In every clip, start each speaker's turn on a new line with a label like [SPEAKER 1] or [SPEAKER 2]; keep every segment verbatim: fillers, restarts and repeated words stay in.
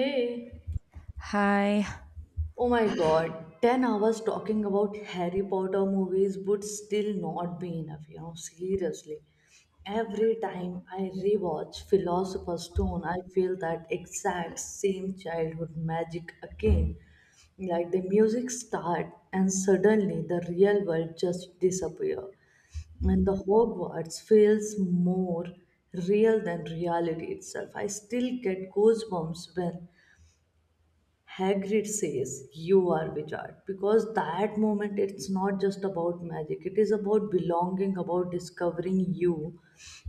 [SPEAKER 1] Hey,
[SPEAKER 2] Hi,
[SPEAKER 1] oh my god, ten hours talking about Harry Potter movies would still not be enough, you know, seriously. Every time I rewatch Philosopher's Stone, I feel that exact same childhood magic again. Like the music start and suddenly the real world just disappear. And the Hogwarts feels more real than reality itself. I still get goosebumps when Hagrid says, You are wizard. Because that moment it's not just about magic, it is about belonging, about discovering you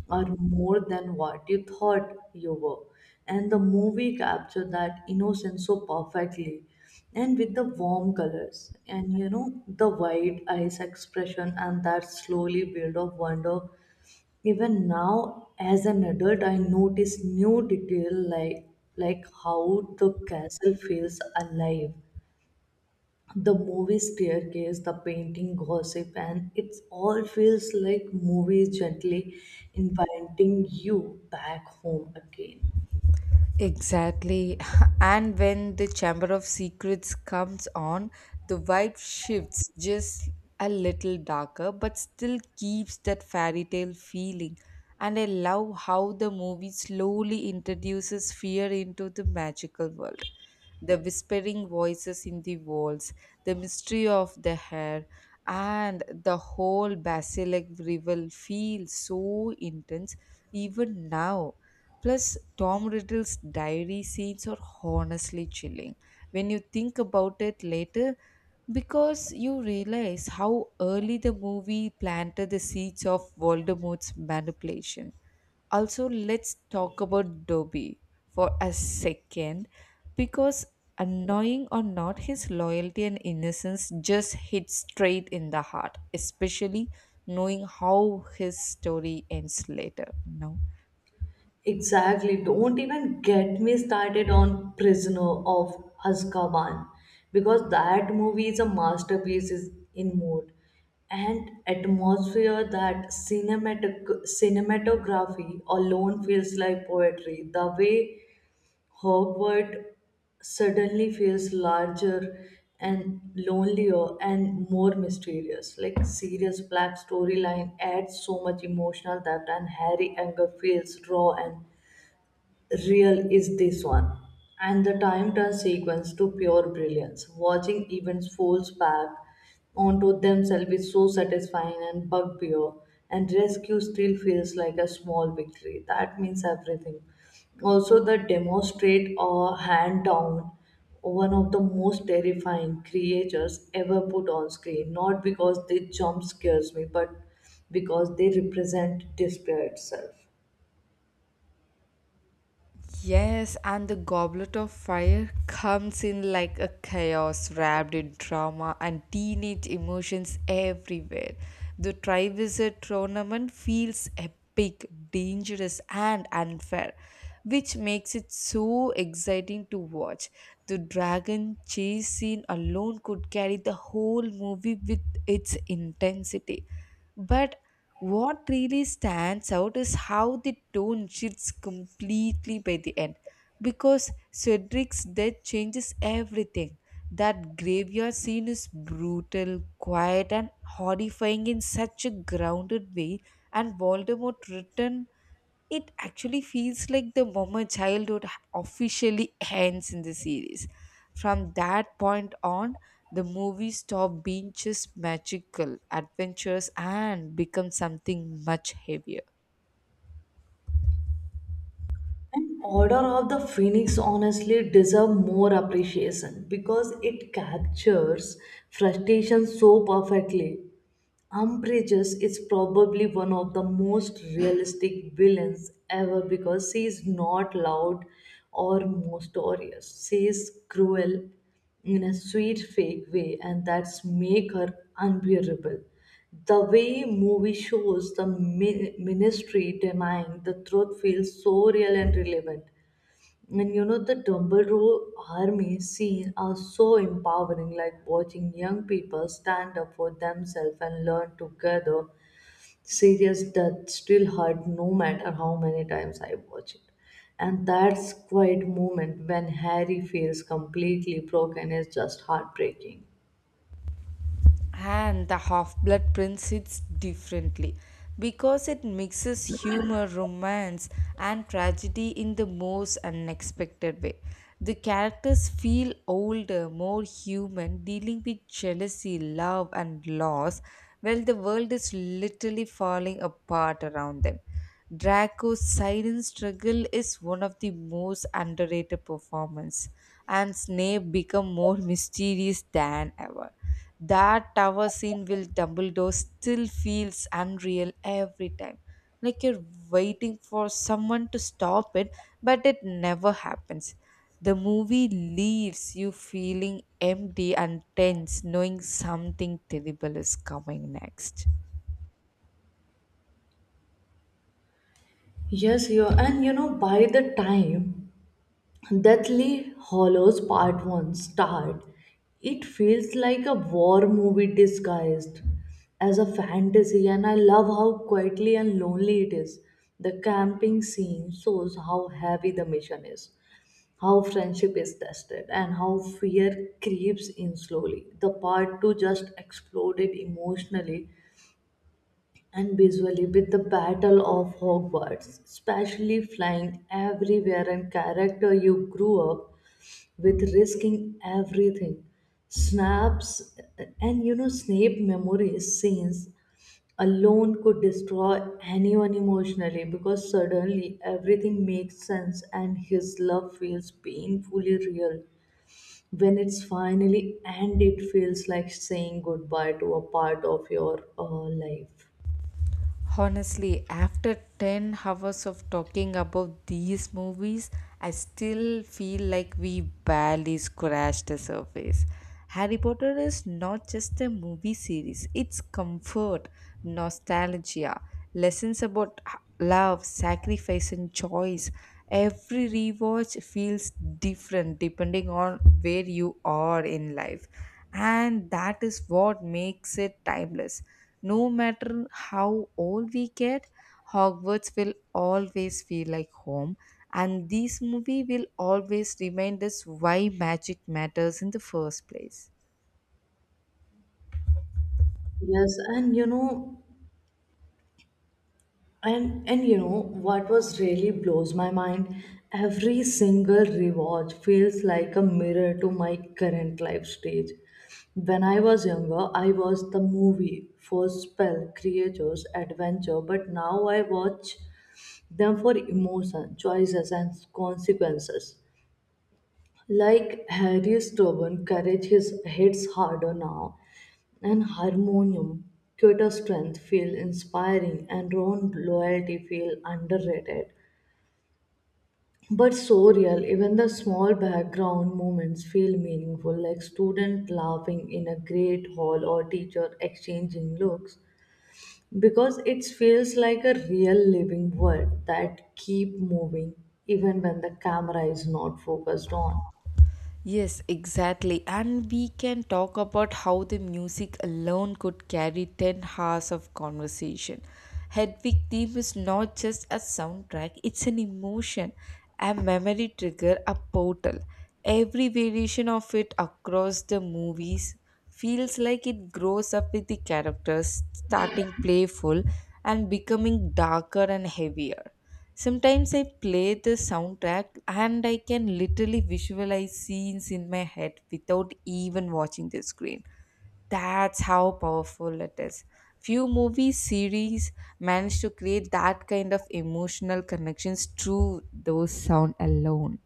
[SPEAKER 1] are more than what you thought you were. And the movie captured that innocence so perfectly, and with the warm colors and you know the wide eyes expression and that slowly build of wonder. Even now, as an adult, I notice new detail, like like how the castle feels alive. The movie staircase, the painting gossip, and it all feels like movies gently inviting you back home again.
[SPEAKER 2] exactly. And when the Chamber of Secrets comes on, the vibe shifts just a little darker, but still keeps that fairy tale feeling. And I love how the movie slowly introduces fear into the magical world. The whispering voices in the walls, the mystery of the hair, and the whole basilic revel feels so intense even now. Plus, Tom Riddle's diary scenes are honestly chilling when you think about it later because you realize how early the movie planted the seeds of Voldemort's manipulation. Also, let's talk about Dobby for a second because annoying or not, his loyalty and innocence just hit straight in the heart, especially knowing how his story ends later. No.
[SPEAKER 1] Exactly. Don't even get me started on Prisoner of Azkaban because that movie is a masterpiece is in mood and atmosphere. That cinematic cinematography alone feels like poetry. The way Hogwarts suddenly feels larger and lonelier and more mysterious. Like serious black storyline adds so much emotional depth, and Harry anger feels raw and real is this one. And the time turns sequence to pure brilliance. Watching events folds back onto themselves is so satisfying, and bugbear, and rescue still feels like a small victory. That means everything. Also, the demonstrate or hand down one of the most terrifying creatures ever put on screen, not because they jump scares me, but because they represent despair itself.
[SPEAKER 2] Yes, and the Goblet of Fire comes in like a chaos wrapped in drama and teenage emotions everywhere. The Triwizard tournament feels epic, dangerous, and unfair, which makes it so exciting to watch. The dragon chase scene alone could carry the whole movie with its intensity. But what really stands out is how the tone shifts completely by the end, because Cedric's death changes everything. That graveyard scene is brutal, quiet, and horrifying in such a grounded way, and Voldemort returns, it actually feels like the moment childhood officially ends in the series. From that point on, the movie stopped being just magical adventures and become something much heavier.
[SPEAKER 1] And Order of the Phoenix honestly deserve more appreciation because it captures frustration so perfectly. Umbridge is probably one of the most realistic villains ever because she is not loud or mysterious. She is cruel in a sweet fake way, and that's make her unbearable. The way movie shows the mi- ministry denying the truth feels so real and relevant. And you know, the Dumbledore army scene are so empowering, like watching young people stand up for themselves and learn together. Serious that still hurt no matter how many times I watch it. And that's quiet moment when Harry feels completely broken is just heartbreaking.
[SPEAKER 2] And the Half Blood Prince hits differently because it mixes humor, romance, and tragedy in the most unexpected way. The characters feel older, more human, dealing with jealousy, love, and loss, while the world is literally falling apart around them. Draco's silent struggle is one of the most underrated performance, and Snape become more mysterious than ever. That tower scene with Dumbledore still feels unreal every time. Like you're waiting for someone to stop it, but it never happens. The movie leaves you feeling empty and tense, knowing something terrible is coming next.
[SPEAKER 1] Yes, you and you know, by the time Deathly Hollows Part one start, it feels like a war movie disguised as a fantasy, and I love how quietly and lonely it is. The camping scene shows how heavy the mission is, how friendship is tested, and how fear creeps in slowly. The part two just exploded emotionally and visually with the Battle of Hogwarts, especially flying everywhere and character you grew up with risking everything. Snaps and you know Snape memories scenes alone could destroy anyone emotionally because suddenly everything makes sense and his love feels painfully real. When it's finally and it feels like saying goodbye to a part of your uh, life.
[SPEAKER 2] Honestly, after ten hours of talking about these movies, I still feel like we barely scratched the surface. Harry Potter is not just a movie series, it's comfort, nostalgia, lessons about h- love, sacrifice, and choice. Every rewatch feels different depending on where you are in life, and that is what makes it timeless. No matter how old we get, Hogwarts will always feel like home, and this movie will always remind us why magic matters in the first place.
[SPEAKER 1] Yes, and you know, And and you know what was really blows my mind? Every single rewatch feels like a mirror to my current life stage. When I was younger, I was the movie for spell, creatures, adventure, but now I watch them for emotion, choices, and consequences. Like Harry's stubborn courage his hits harder now, and Harmonium, Cuter's strength feel inspiring, and Ron's loyalty feel underrated. But so real, even the small background moments feel meaningful, like student laughing in a great hall or teacher exchanging looks, because it feels like a real living world that keep moving even when the camera is not focused on.
[SPEAKER 2] Yes, exactly. And we can talk about how the music alone could carry ten hours of conversation. Hedwig theme is not just a soundtrack, it's an emotion, a memory trigger, a portal. Every variation of it across the movies feels like it grows up with the characters, starting playful and becoming darker and heavier. Sometimes I play the soundtrack and I can literally visualize scenes in my head without even watching the screen. That's how powerful it is. Few movie series manage to create that kind of emotional connections through those sound alone.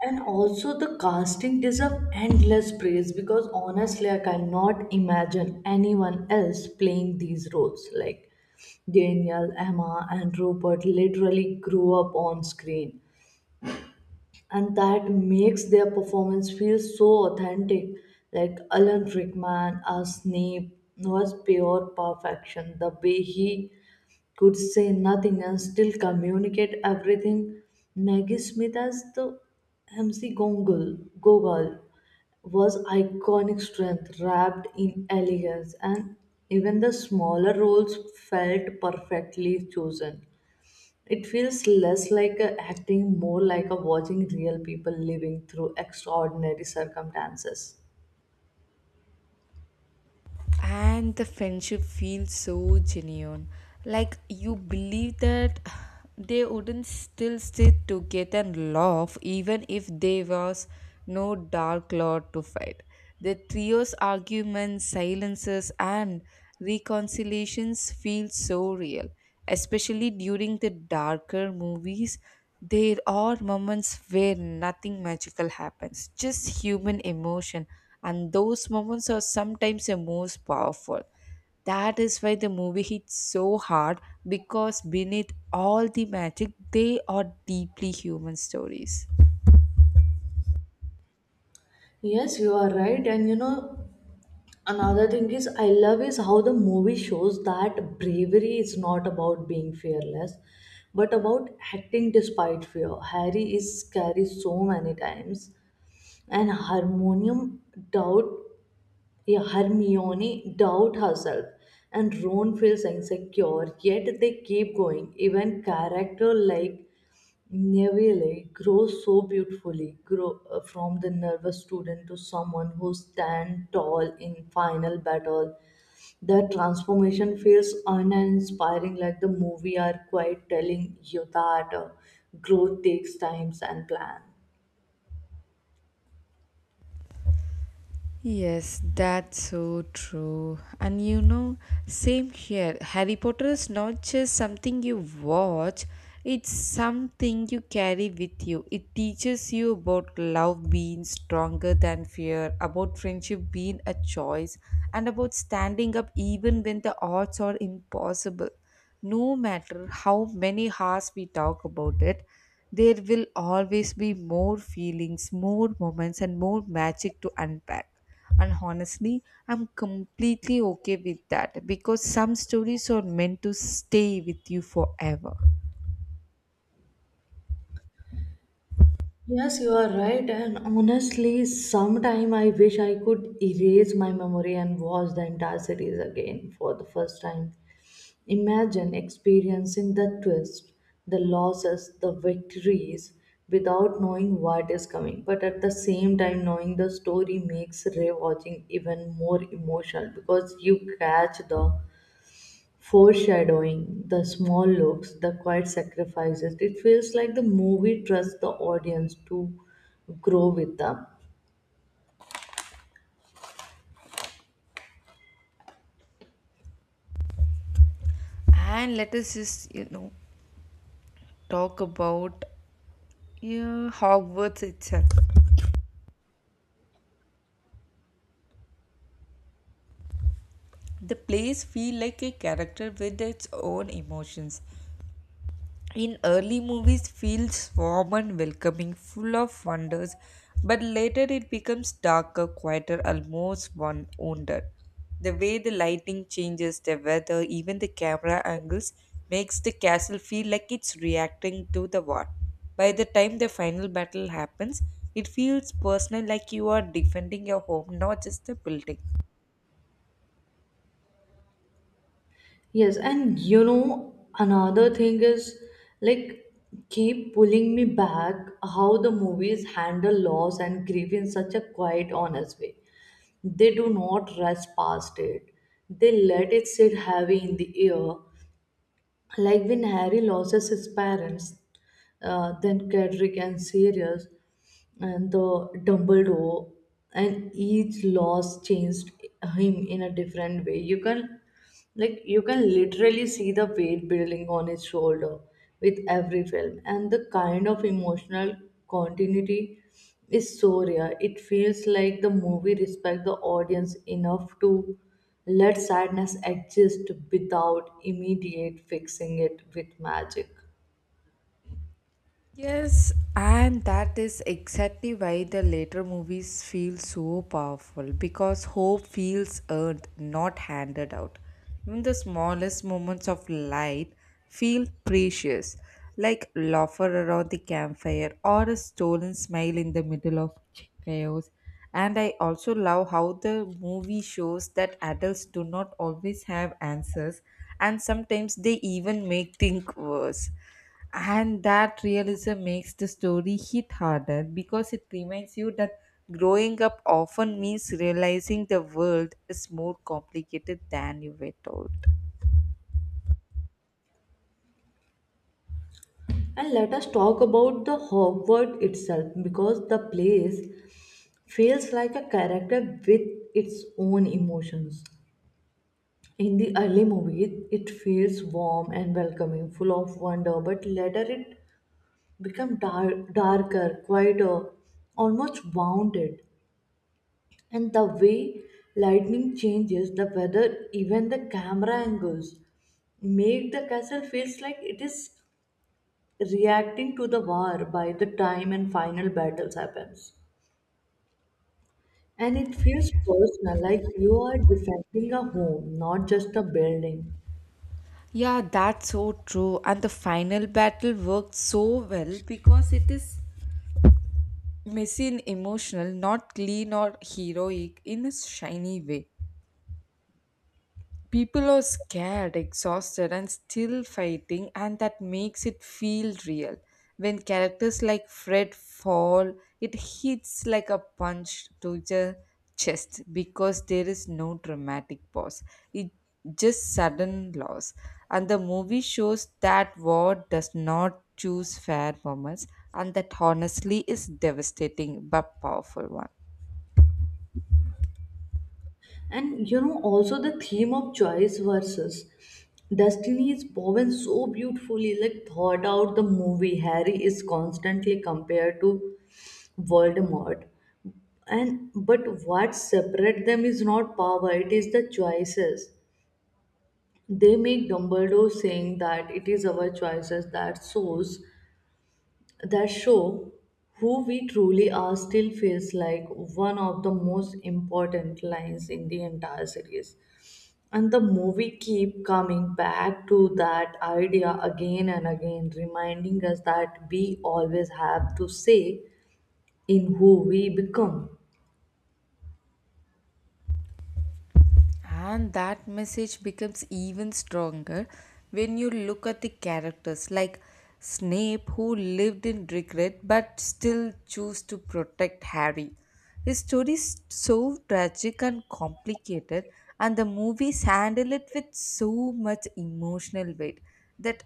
[SPEAKER 1] And also, the casting deserve endless praise because honestly, like, I cannot imagine anyone else playing these roles. Like Daniel, Emma, and Robert literally grew up on screen, and that makes their performance feel so authentic. Like Alan Rickman as Snape was pure perfection. The way he could say nothing and still communicate everything. Maggie Smith as the M C Gogol, Gogol was iconic strength wrapped in elegance, and even the smaller roles felt perfectly chosen. It feels less like a acting, more like a watching real people living through extraordinary circumstances.
[SPEAKER 2] And the friendship feels so genuine, like you believe that they wouldn't still sit together and laugh even if there was no dark cloud to fight. The trio's arguments, silences, and reconciliations feel so real, especially during the darker movies. There are moments where nothing magical happens, just human emotion, and those moments are sometimes the most powerful. That is why the movie hits so hard, because beneath all the magic, they are deeply human stories.
[SPEAKER 1] Yes, you are right. And you know, another thing is, I love is how the movie shows that bravery is not about being fearless, but about acting despite fear. Harry is scary so many times, and Harmonium doubt, yeah, Hermione doubt herself, and Ron feels insecure. Yet they keep going. Even character like Neville grows so beautifully grow, uh, from the nervous student to someone who stands tall in final battle. The transformation feels uninspiring, like the movie are quite telling you that uh, growth takes time and plan.
[SPEAKER 2] Yes, that's so true. And you know, same here. Harry Potter is not just something you watch, it's something you carry with you. It teaches you about love being stronger than fear, about friendship being a choice, and about standing up even when the odds are impossible. No matter how many hours we talk about it, there will always be more feelings, more moments, and more magic to unpack. And honestly, I'm completely okay with that because some stories are meant to stay with you forever.
[SPEAKER 1] Yes, you are right. And honestly, sometime I wish I could erase my memory and watch the entire series again for the first time. Imagine experiencing the twist, the losses, the victories without knowing what is coming, but at the same time, knowing the story makes rewatching even more emotional because you catch the foreshadowing, the small looks, the quiet sacrifices. It feels like the movie trusts the audience to grow with them.
[SPEAKER 2] And let us just, you know, talk about, yeah, Hogwarts itself. The place feel like a character with its own emotions. In early movies, feels warm and welcoming, full of wonders, but later it becomes darker, quieter, almost one wounded. The way the lighting changes, the weather, even the camera angles makes the castle feel like it's reacting to the war. By the time the final battle happens, it feels personal, like you are defending your home, not just the building.
[SPEAKER 1] Yes, and you know, another thing is like keep pulling me back how the movies handle loss and grief in such a quiet, honest way. They do not rush past it, they let it sit heavy in the air, like when Harry loses his parents, uh, then Cedric and Sirius, and the Dumbledore, and each loss changed him in a different way. You can, like, you can literally see the weight building on his shoulder with every film, and the kind of emotional continuity is so rare. It feels like the movie respects the audience enough to let sadness exist without immediate fixing it with magic.
[SPEAKER 2] Yes, and that is exactly why the later movies feel so powerful because hope feels earned, not handed out. Even the smallest moments of light feel precious, like laughter around the campfire or a stolen smile in the middle of chaos. And I also love how the movie shows that adults do not always have answers and sometimes they even make think worse. And that realism makes the story hit harder because it reminds you that growing up often means realizing the world is more complicated than you were told.
[SPEAKER 1] And let us talk about the Hogwarts itself because the place feels like a character with its own emotions. In the early movie, it feels warm and welcoming, full of wonder, but later it becomes dark, darker, quieter, almost wounded. And the way lightning changes the weather, even the camera angles make the castle feels like it is reacting to the war. By the time and final battles happens, and it feels personal, like you are defending a home, not just a building.
[SPEAKER 2] Yeah, that's so true. And the final battle worked so well because it is messy and emotional, not clean or heroic in a shiny way. People are scared, exhausted, and still fighting, and that makes it feel real. When characters like Fred fall, it hits like a punch to the chest because there is no dramatic pause. It just sudden loss. And the movie shows that war does not choose fair moments, and that honestly is devastating but powerful one.
[SPEAKER 1] And you know also, the theme of choice versus destiny is woven so beautifully, like thought out the movie. Harry is constantly compared to Voldemort, and but what separates them is not power, it is the choices they make. Dumbledore saying that it is our choices that shows that show who we truly are still feels like one of the most important lines in the entire series. And the movie keep coming back to that idea again and again, reminding us that we always have to say in who we become.
[SPEAKER 2] And that message becomes even stronger when you look at the characters like Snape, who lived in regret but still chose to protect Harry. His story is so tragic and complicated, and the movies handle it with so much emotional weight that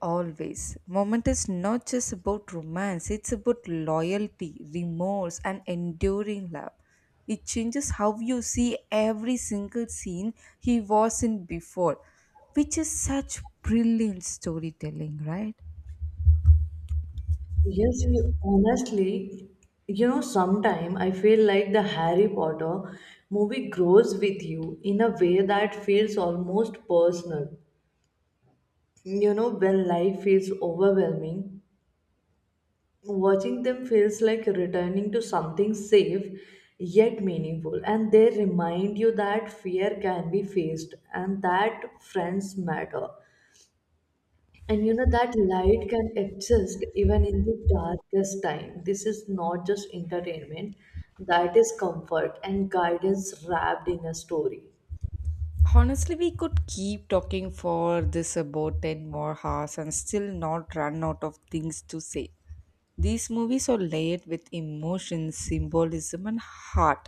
[SPEAKER 2] always moment is not just about romance, it's about loyalty, remorse, and enduring love. It changes how you see every single scene he was in before, which is such brilliant storytelling, right?
[SPEAKER 1] Yes, you, honestly, you know, sometime I feel like the Harry Potter movie grows with you in a way that feels almost personal. You know, when life feels overwhelming, watching them feels like returning to something safe yet meaningful. And they remind you that fear can be faced and that friends matter. And you know that light can exist even in the darkest time. This is not just entertainment, that is comfort and guidance wrapped in a story.
[SPEAKER 2] Honestly, we could keep talking for this about ten more hours and still not run out of things to say. These movies are layered with emotion, symbolism, and heart,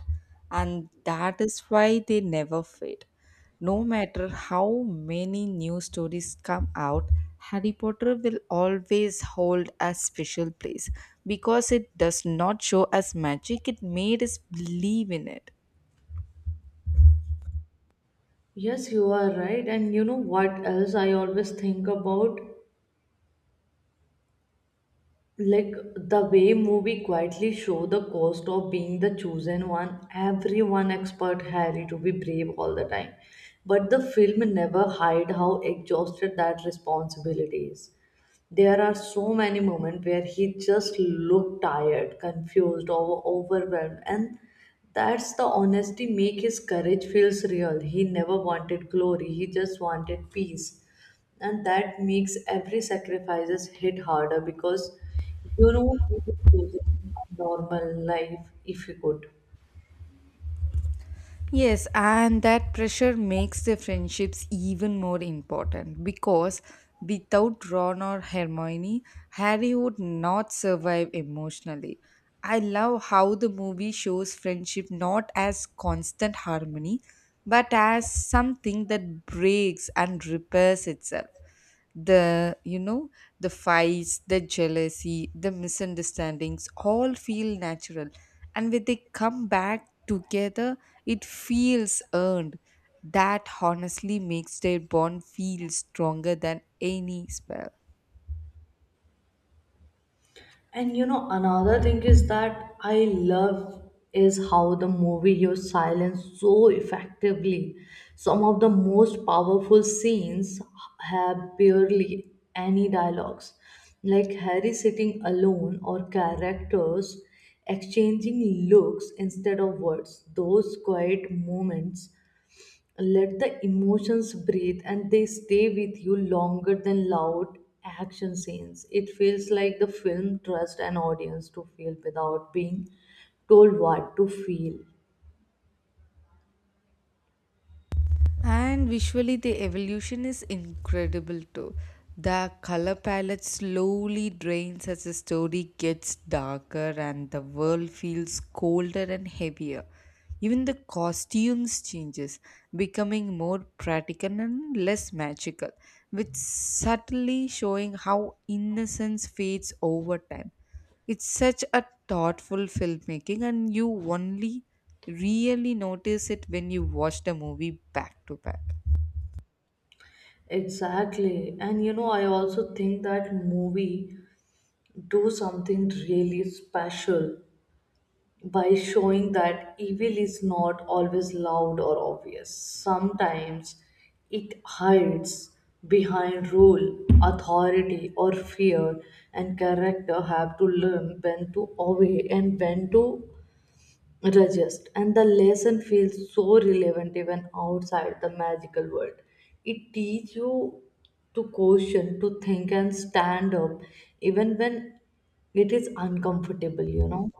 [SPEAKER 2] and that is why they never fade. No matter how many new stories come out, Harry Potter will always hold a special place because it does not show us magic, it made us believe in it.
[SPEAKER 1] Yes, you are right. And you know what else I always think about? Like the way movie quietly show the cost of being the chosen one. Everyone expect Harry to be brave all the time. But the film never hide how exhausted that responsibility is. There are so many moments where he just looked tired, confused, or overwhelmed, and that's the honesty make his courage feels real. He never wanted glory; he just wanted peace, and that makes every sacrifices hit harder because you know he would choose a normal life if he could.
[SPEAKER 2] Yes, and that pressure makes the friendships even more important because without Ron or Hermione, Harry would not survive emotionally. I love how the movie shows friendship not as constant harmony but as something that breaks and repairs itself. The, you know, the fights, the jealousy, the misunderstandings all feel natural, and when they come back together, it feels earned. That honestly makes their bond feel stronger than any spell.
[SPEAKER 1] And you know, another thing is that I love is how the movie used silence so effectively. Some of the most powerful scenes have barely any dialogues, like Harry sitting alone or characters exchanging looks instead of words. Those quiet moments let the emotions breathe and they stay with you longer than loud action scenes. It feels like the film trusts an audience to feel without being told what to feel.
[SPEAKER 2] And visually, the evolution is incredible too. The color palette slowly drains as the story gets darker and the world feels colder and heavier. Even the costumes changes, becoming more practical and less magical, which subtly showing how innocence fades over time. It's such a thoughtful filmmaking, and you only really notice it when you watch the movie back to back.
[SPEAKER 1] Exactly. And you know I also think that movie do something really special by showing that evil is not always loud or obvious. Sometimes it hides behind rule, authority, or fear, and character have to learn when to obey and when to resist. And the lesson feels so relevant even outside the magical world. It teaches you to question, to think, and stand up even when it is uncomfortable, you know.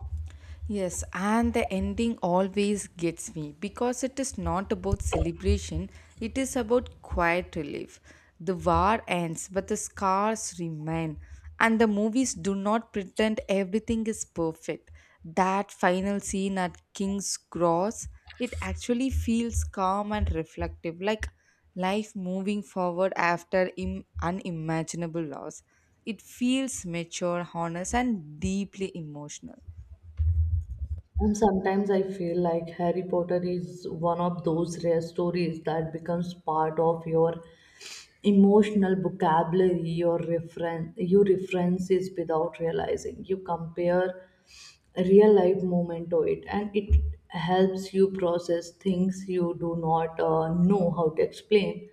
[SPEAKER 2] Yes, and the ending always gets me because it is not about celebration, it is about quiet relief. The war ends, but the scars remain, and the movies do not pretend everything is perfect. That final scene at King's Cross, it actually feels calm and reflective, like life moving forward after Im- unimaginable loss. It feels mature, honest, and deeply emotional.
[SPEAKER 1] And sometimes I feel like Harry Potter is one of those rare stories that becomes part of your emotional vocabulary, your referen, you references without realizing. You compare real life moment to it, and it helps you process things you do not uh, know how to explain.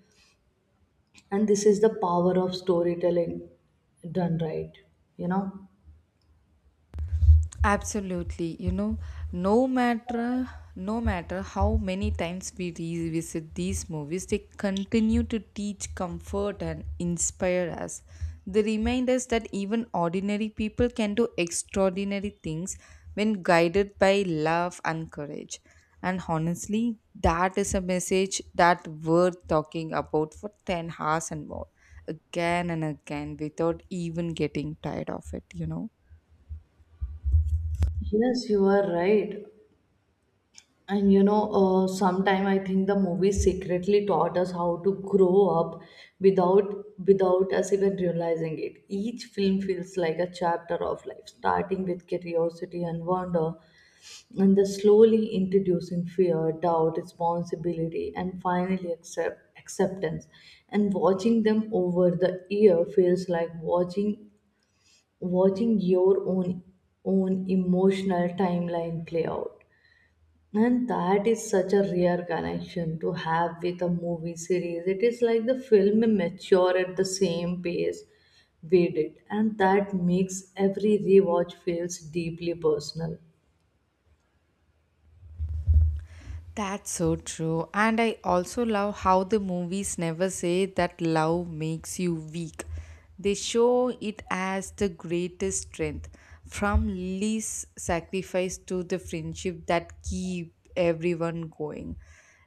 [SPEAKER 1] And this is the power of storytelling done right, you know.
[SPEAKER 2] Absolutely. You know, no matter no matter how many times we revisit these movies, they continue to teach comfort and inspire us. They remind us that even ordinary people can do extraordinary things when guided by love and courage. And honestly, that is a message that worth talking about for ten hours and more, again and again, without even getting tired of it, you know.
[SPEAKER 1] Yes, you are right. And you know, uh, sometime I think the movie secretly taught us how to grow up without without us even realizing it. Each film feels like a chapter of life, starting with curiosity and wonder, and then slowly introducing fear, doubt, responsibility, and finally accept acceptance. And watching them over the year feels like watching watching your own own emotional timeline play out. And that is such a rare connection to have with a movie series. It is like the film mature at the same pace we did, and that makes every rewatch feels deeply personal.
[SPEAKER 2] That's so true. And I also love how the movies never say that love makes you weak. They show it as the greatest strength, from least sacrifice to the friendship that keep everyone going.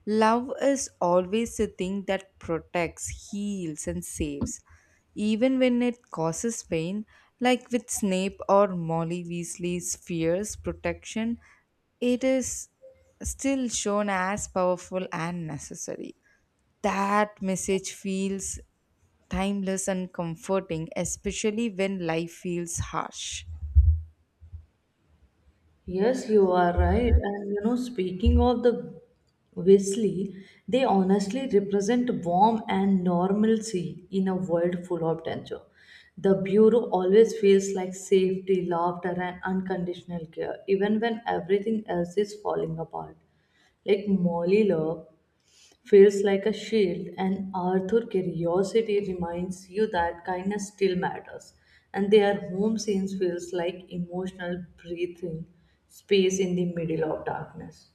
[SPEAKER 2] Love is always the thing that protects, heals, and saves, even when it causes pain, like with Snape or Molly Weasley's fierce protection, it is still shown as powerful and necessary. That message feels timeless and comforting, especially when life feels harsh.
[SPEAKER 1] Yes, you are right. And you know, speaking of the Wesley, they honestly represent warmth and normalcy in a world full of danger. The Bureau always feels like safety, laughter, and unconditional care, even when everything else is falling apart. Like Molly Love feels like a shield, and Arthur curiosity reminds you that kindness still matters. And their home scenes feels like emotional breathing space in the middle of darkness.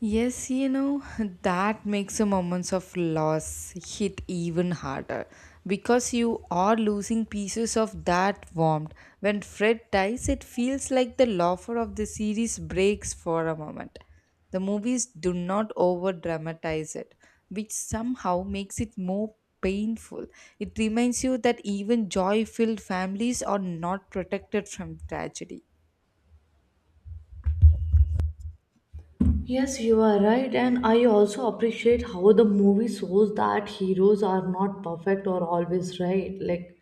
[SPEAKER 2] Yes, you know, that makes the moments of loss hit even harder because you are losing pieces of that warmth. When Fred dies, it feels like the laughter of the series breaks for a moment. The movies do not over dramatize it, which somehow makes it more painful. It reminds you that even joy filled families are not protected from tragedy.
[SPEAKER 1] Yes, you are right, and I also appreciate how the movie shows that heroes are not perfect or always right. Like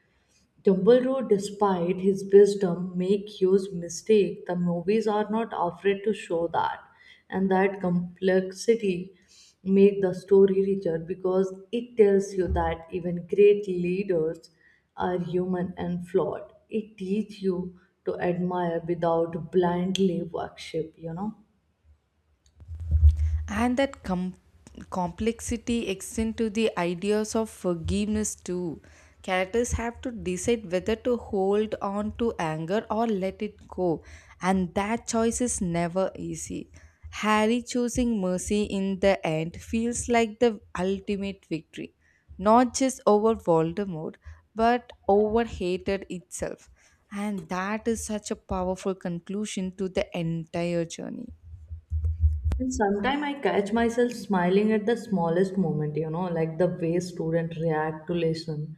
[SPEAKER 1] Dumbledore, despite his wisdom, make huge mistake. The movies are not afraid to show that, and that complexity make the story richer because it tells you that even great leaders are human and flawed. It teaches you to admire without blindly worship. You know.
[SPEAKER 2] And that com- complexity extends to the ideas of forgiveness too. Characters have to decide whether to hold on to anger or let it go, and that choice is never easy. Harry choosing mercy in the end feels like the ultimate victory, not just over Voldemort, but over hatred itself, and that is such a powerful conclusion to the entire journey.
[SPEAKER 1] And sometimes I catch myself smiling at the smallest moment, you know, like the way students react to lesson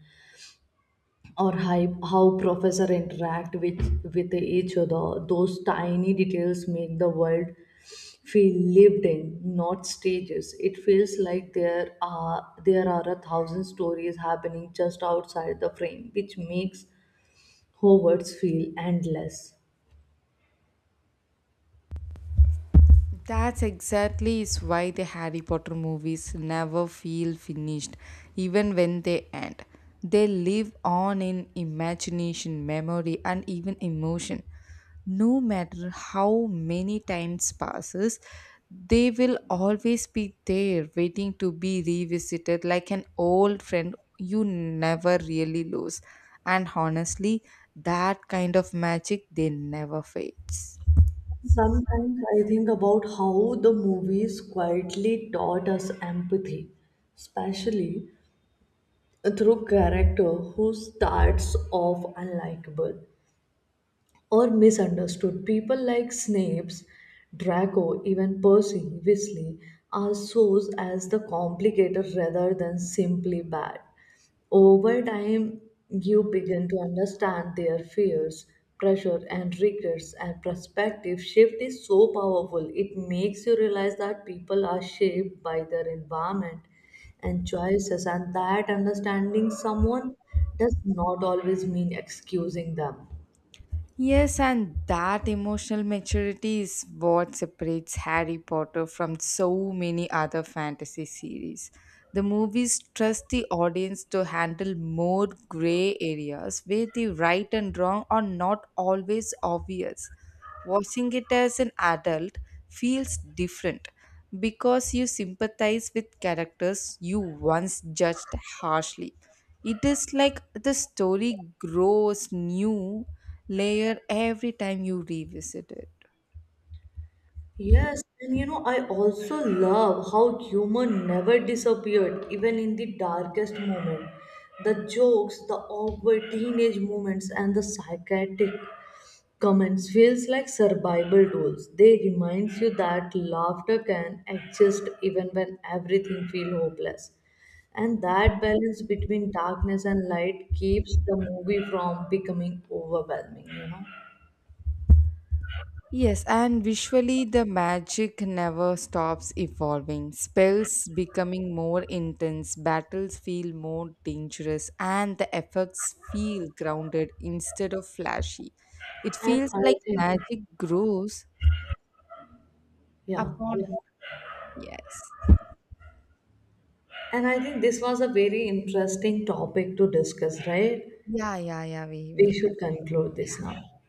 [SPEAKER 1] or hype, how professor interact with with each other. Those tiny details make the world feel lived in, not stages. It feels like there are there are a thousand stories happening just outside the frame, which makes Hogwarts feel endless.
[SPEAKER 2] That's exactly is why the Harry Potter movies never feel finished, even when they end. They live on in imagination, memory, and even emotion. No matter how many times passes, they will always be there, waiting to be revisited like an old friend you never really lose. And honestly, that kind of magic they never fades.
[SPEAKER 1] Sometimes I think about how the movies quietly taught us empathy, especially through character who starts off unlikable or misunderstood. People like Snape's, Draco, even Percy Weasley are shown as the complicated rather than simply bad. Over time, you begin to understand their fears, pressure, and regrets, and perspective shift is so powerful. It makes you realize that people are shaped by their environment and choices, and that understanding someone does not always mean excusing them.
[SPEAKER 2] Yes, and that emotional maturity is what separates Harry Potter from so many other fantasy series. The movies trust the audience to handle more gray areas where the right and wrong are not always obvious. Watching it as an adult feels different because you sympathize with characters you once judged harshly. It is like the story grows new layer every time you revisit it.
[SPEAKER 1] Yes, and you know, I also love how humor never disappeared, even in the darkest moment. The jokes, the awkward teenage moments, and the psychiatric comments feels like survival tools. They reminds you that laughter can exist even when everything feels hopeless. And that balance between darkness and light keeps the movie from becoming overwhelming, you know.
[SPEAKER 2] Yes, and visually the magic never stops evolving. Spells becoming more intense, battles feel more dangerous, and the effects feel grounded instead of flashy. It
[SPEAKER 1] And
[SPEAKER 2] feels
[SPEAKER 1] I
[SPEAKER 2] like
[SPEAKER 1] think,
[SPEAKER 2] magic grows
[SPEAKER 1] yeah, yeah.
[SPEAKER 2] upon, yes.
[SPEAKER 1] And I think this was a very interesting topic to discuss, right?
[SPEAKER 2] Yeah, yeah, yeah, we will.
[SPEAKER 1] We
[SPEAKER 2] Con-
[SPEAKER 1] should conclude this now.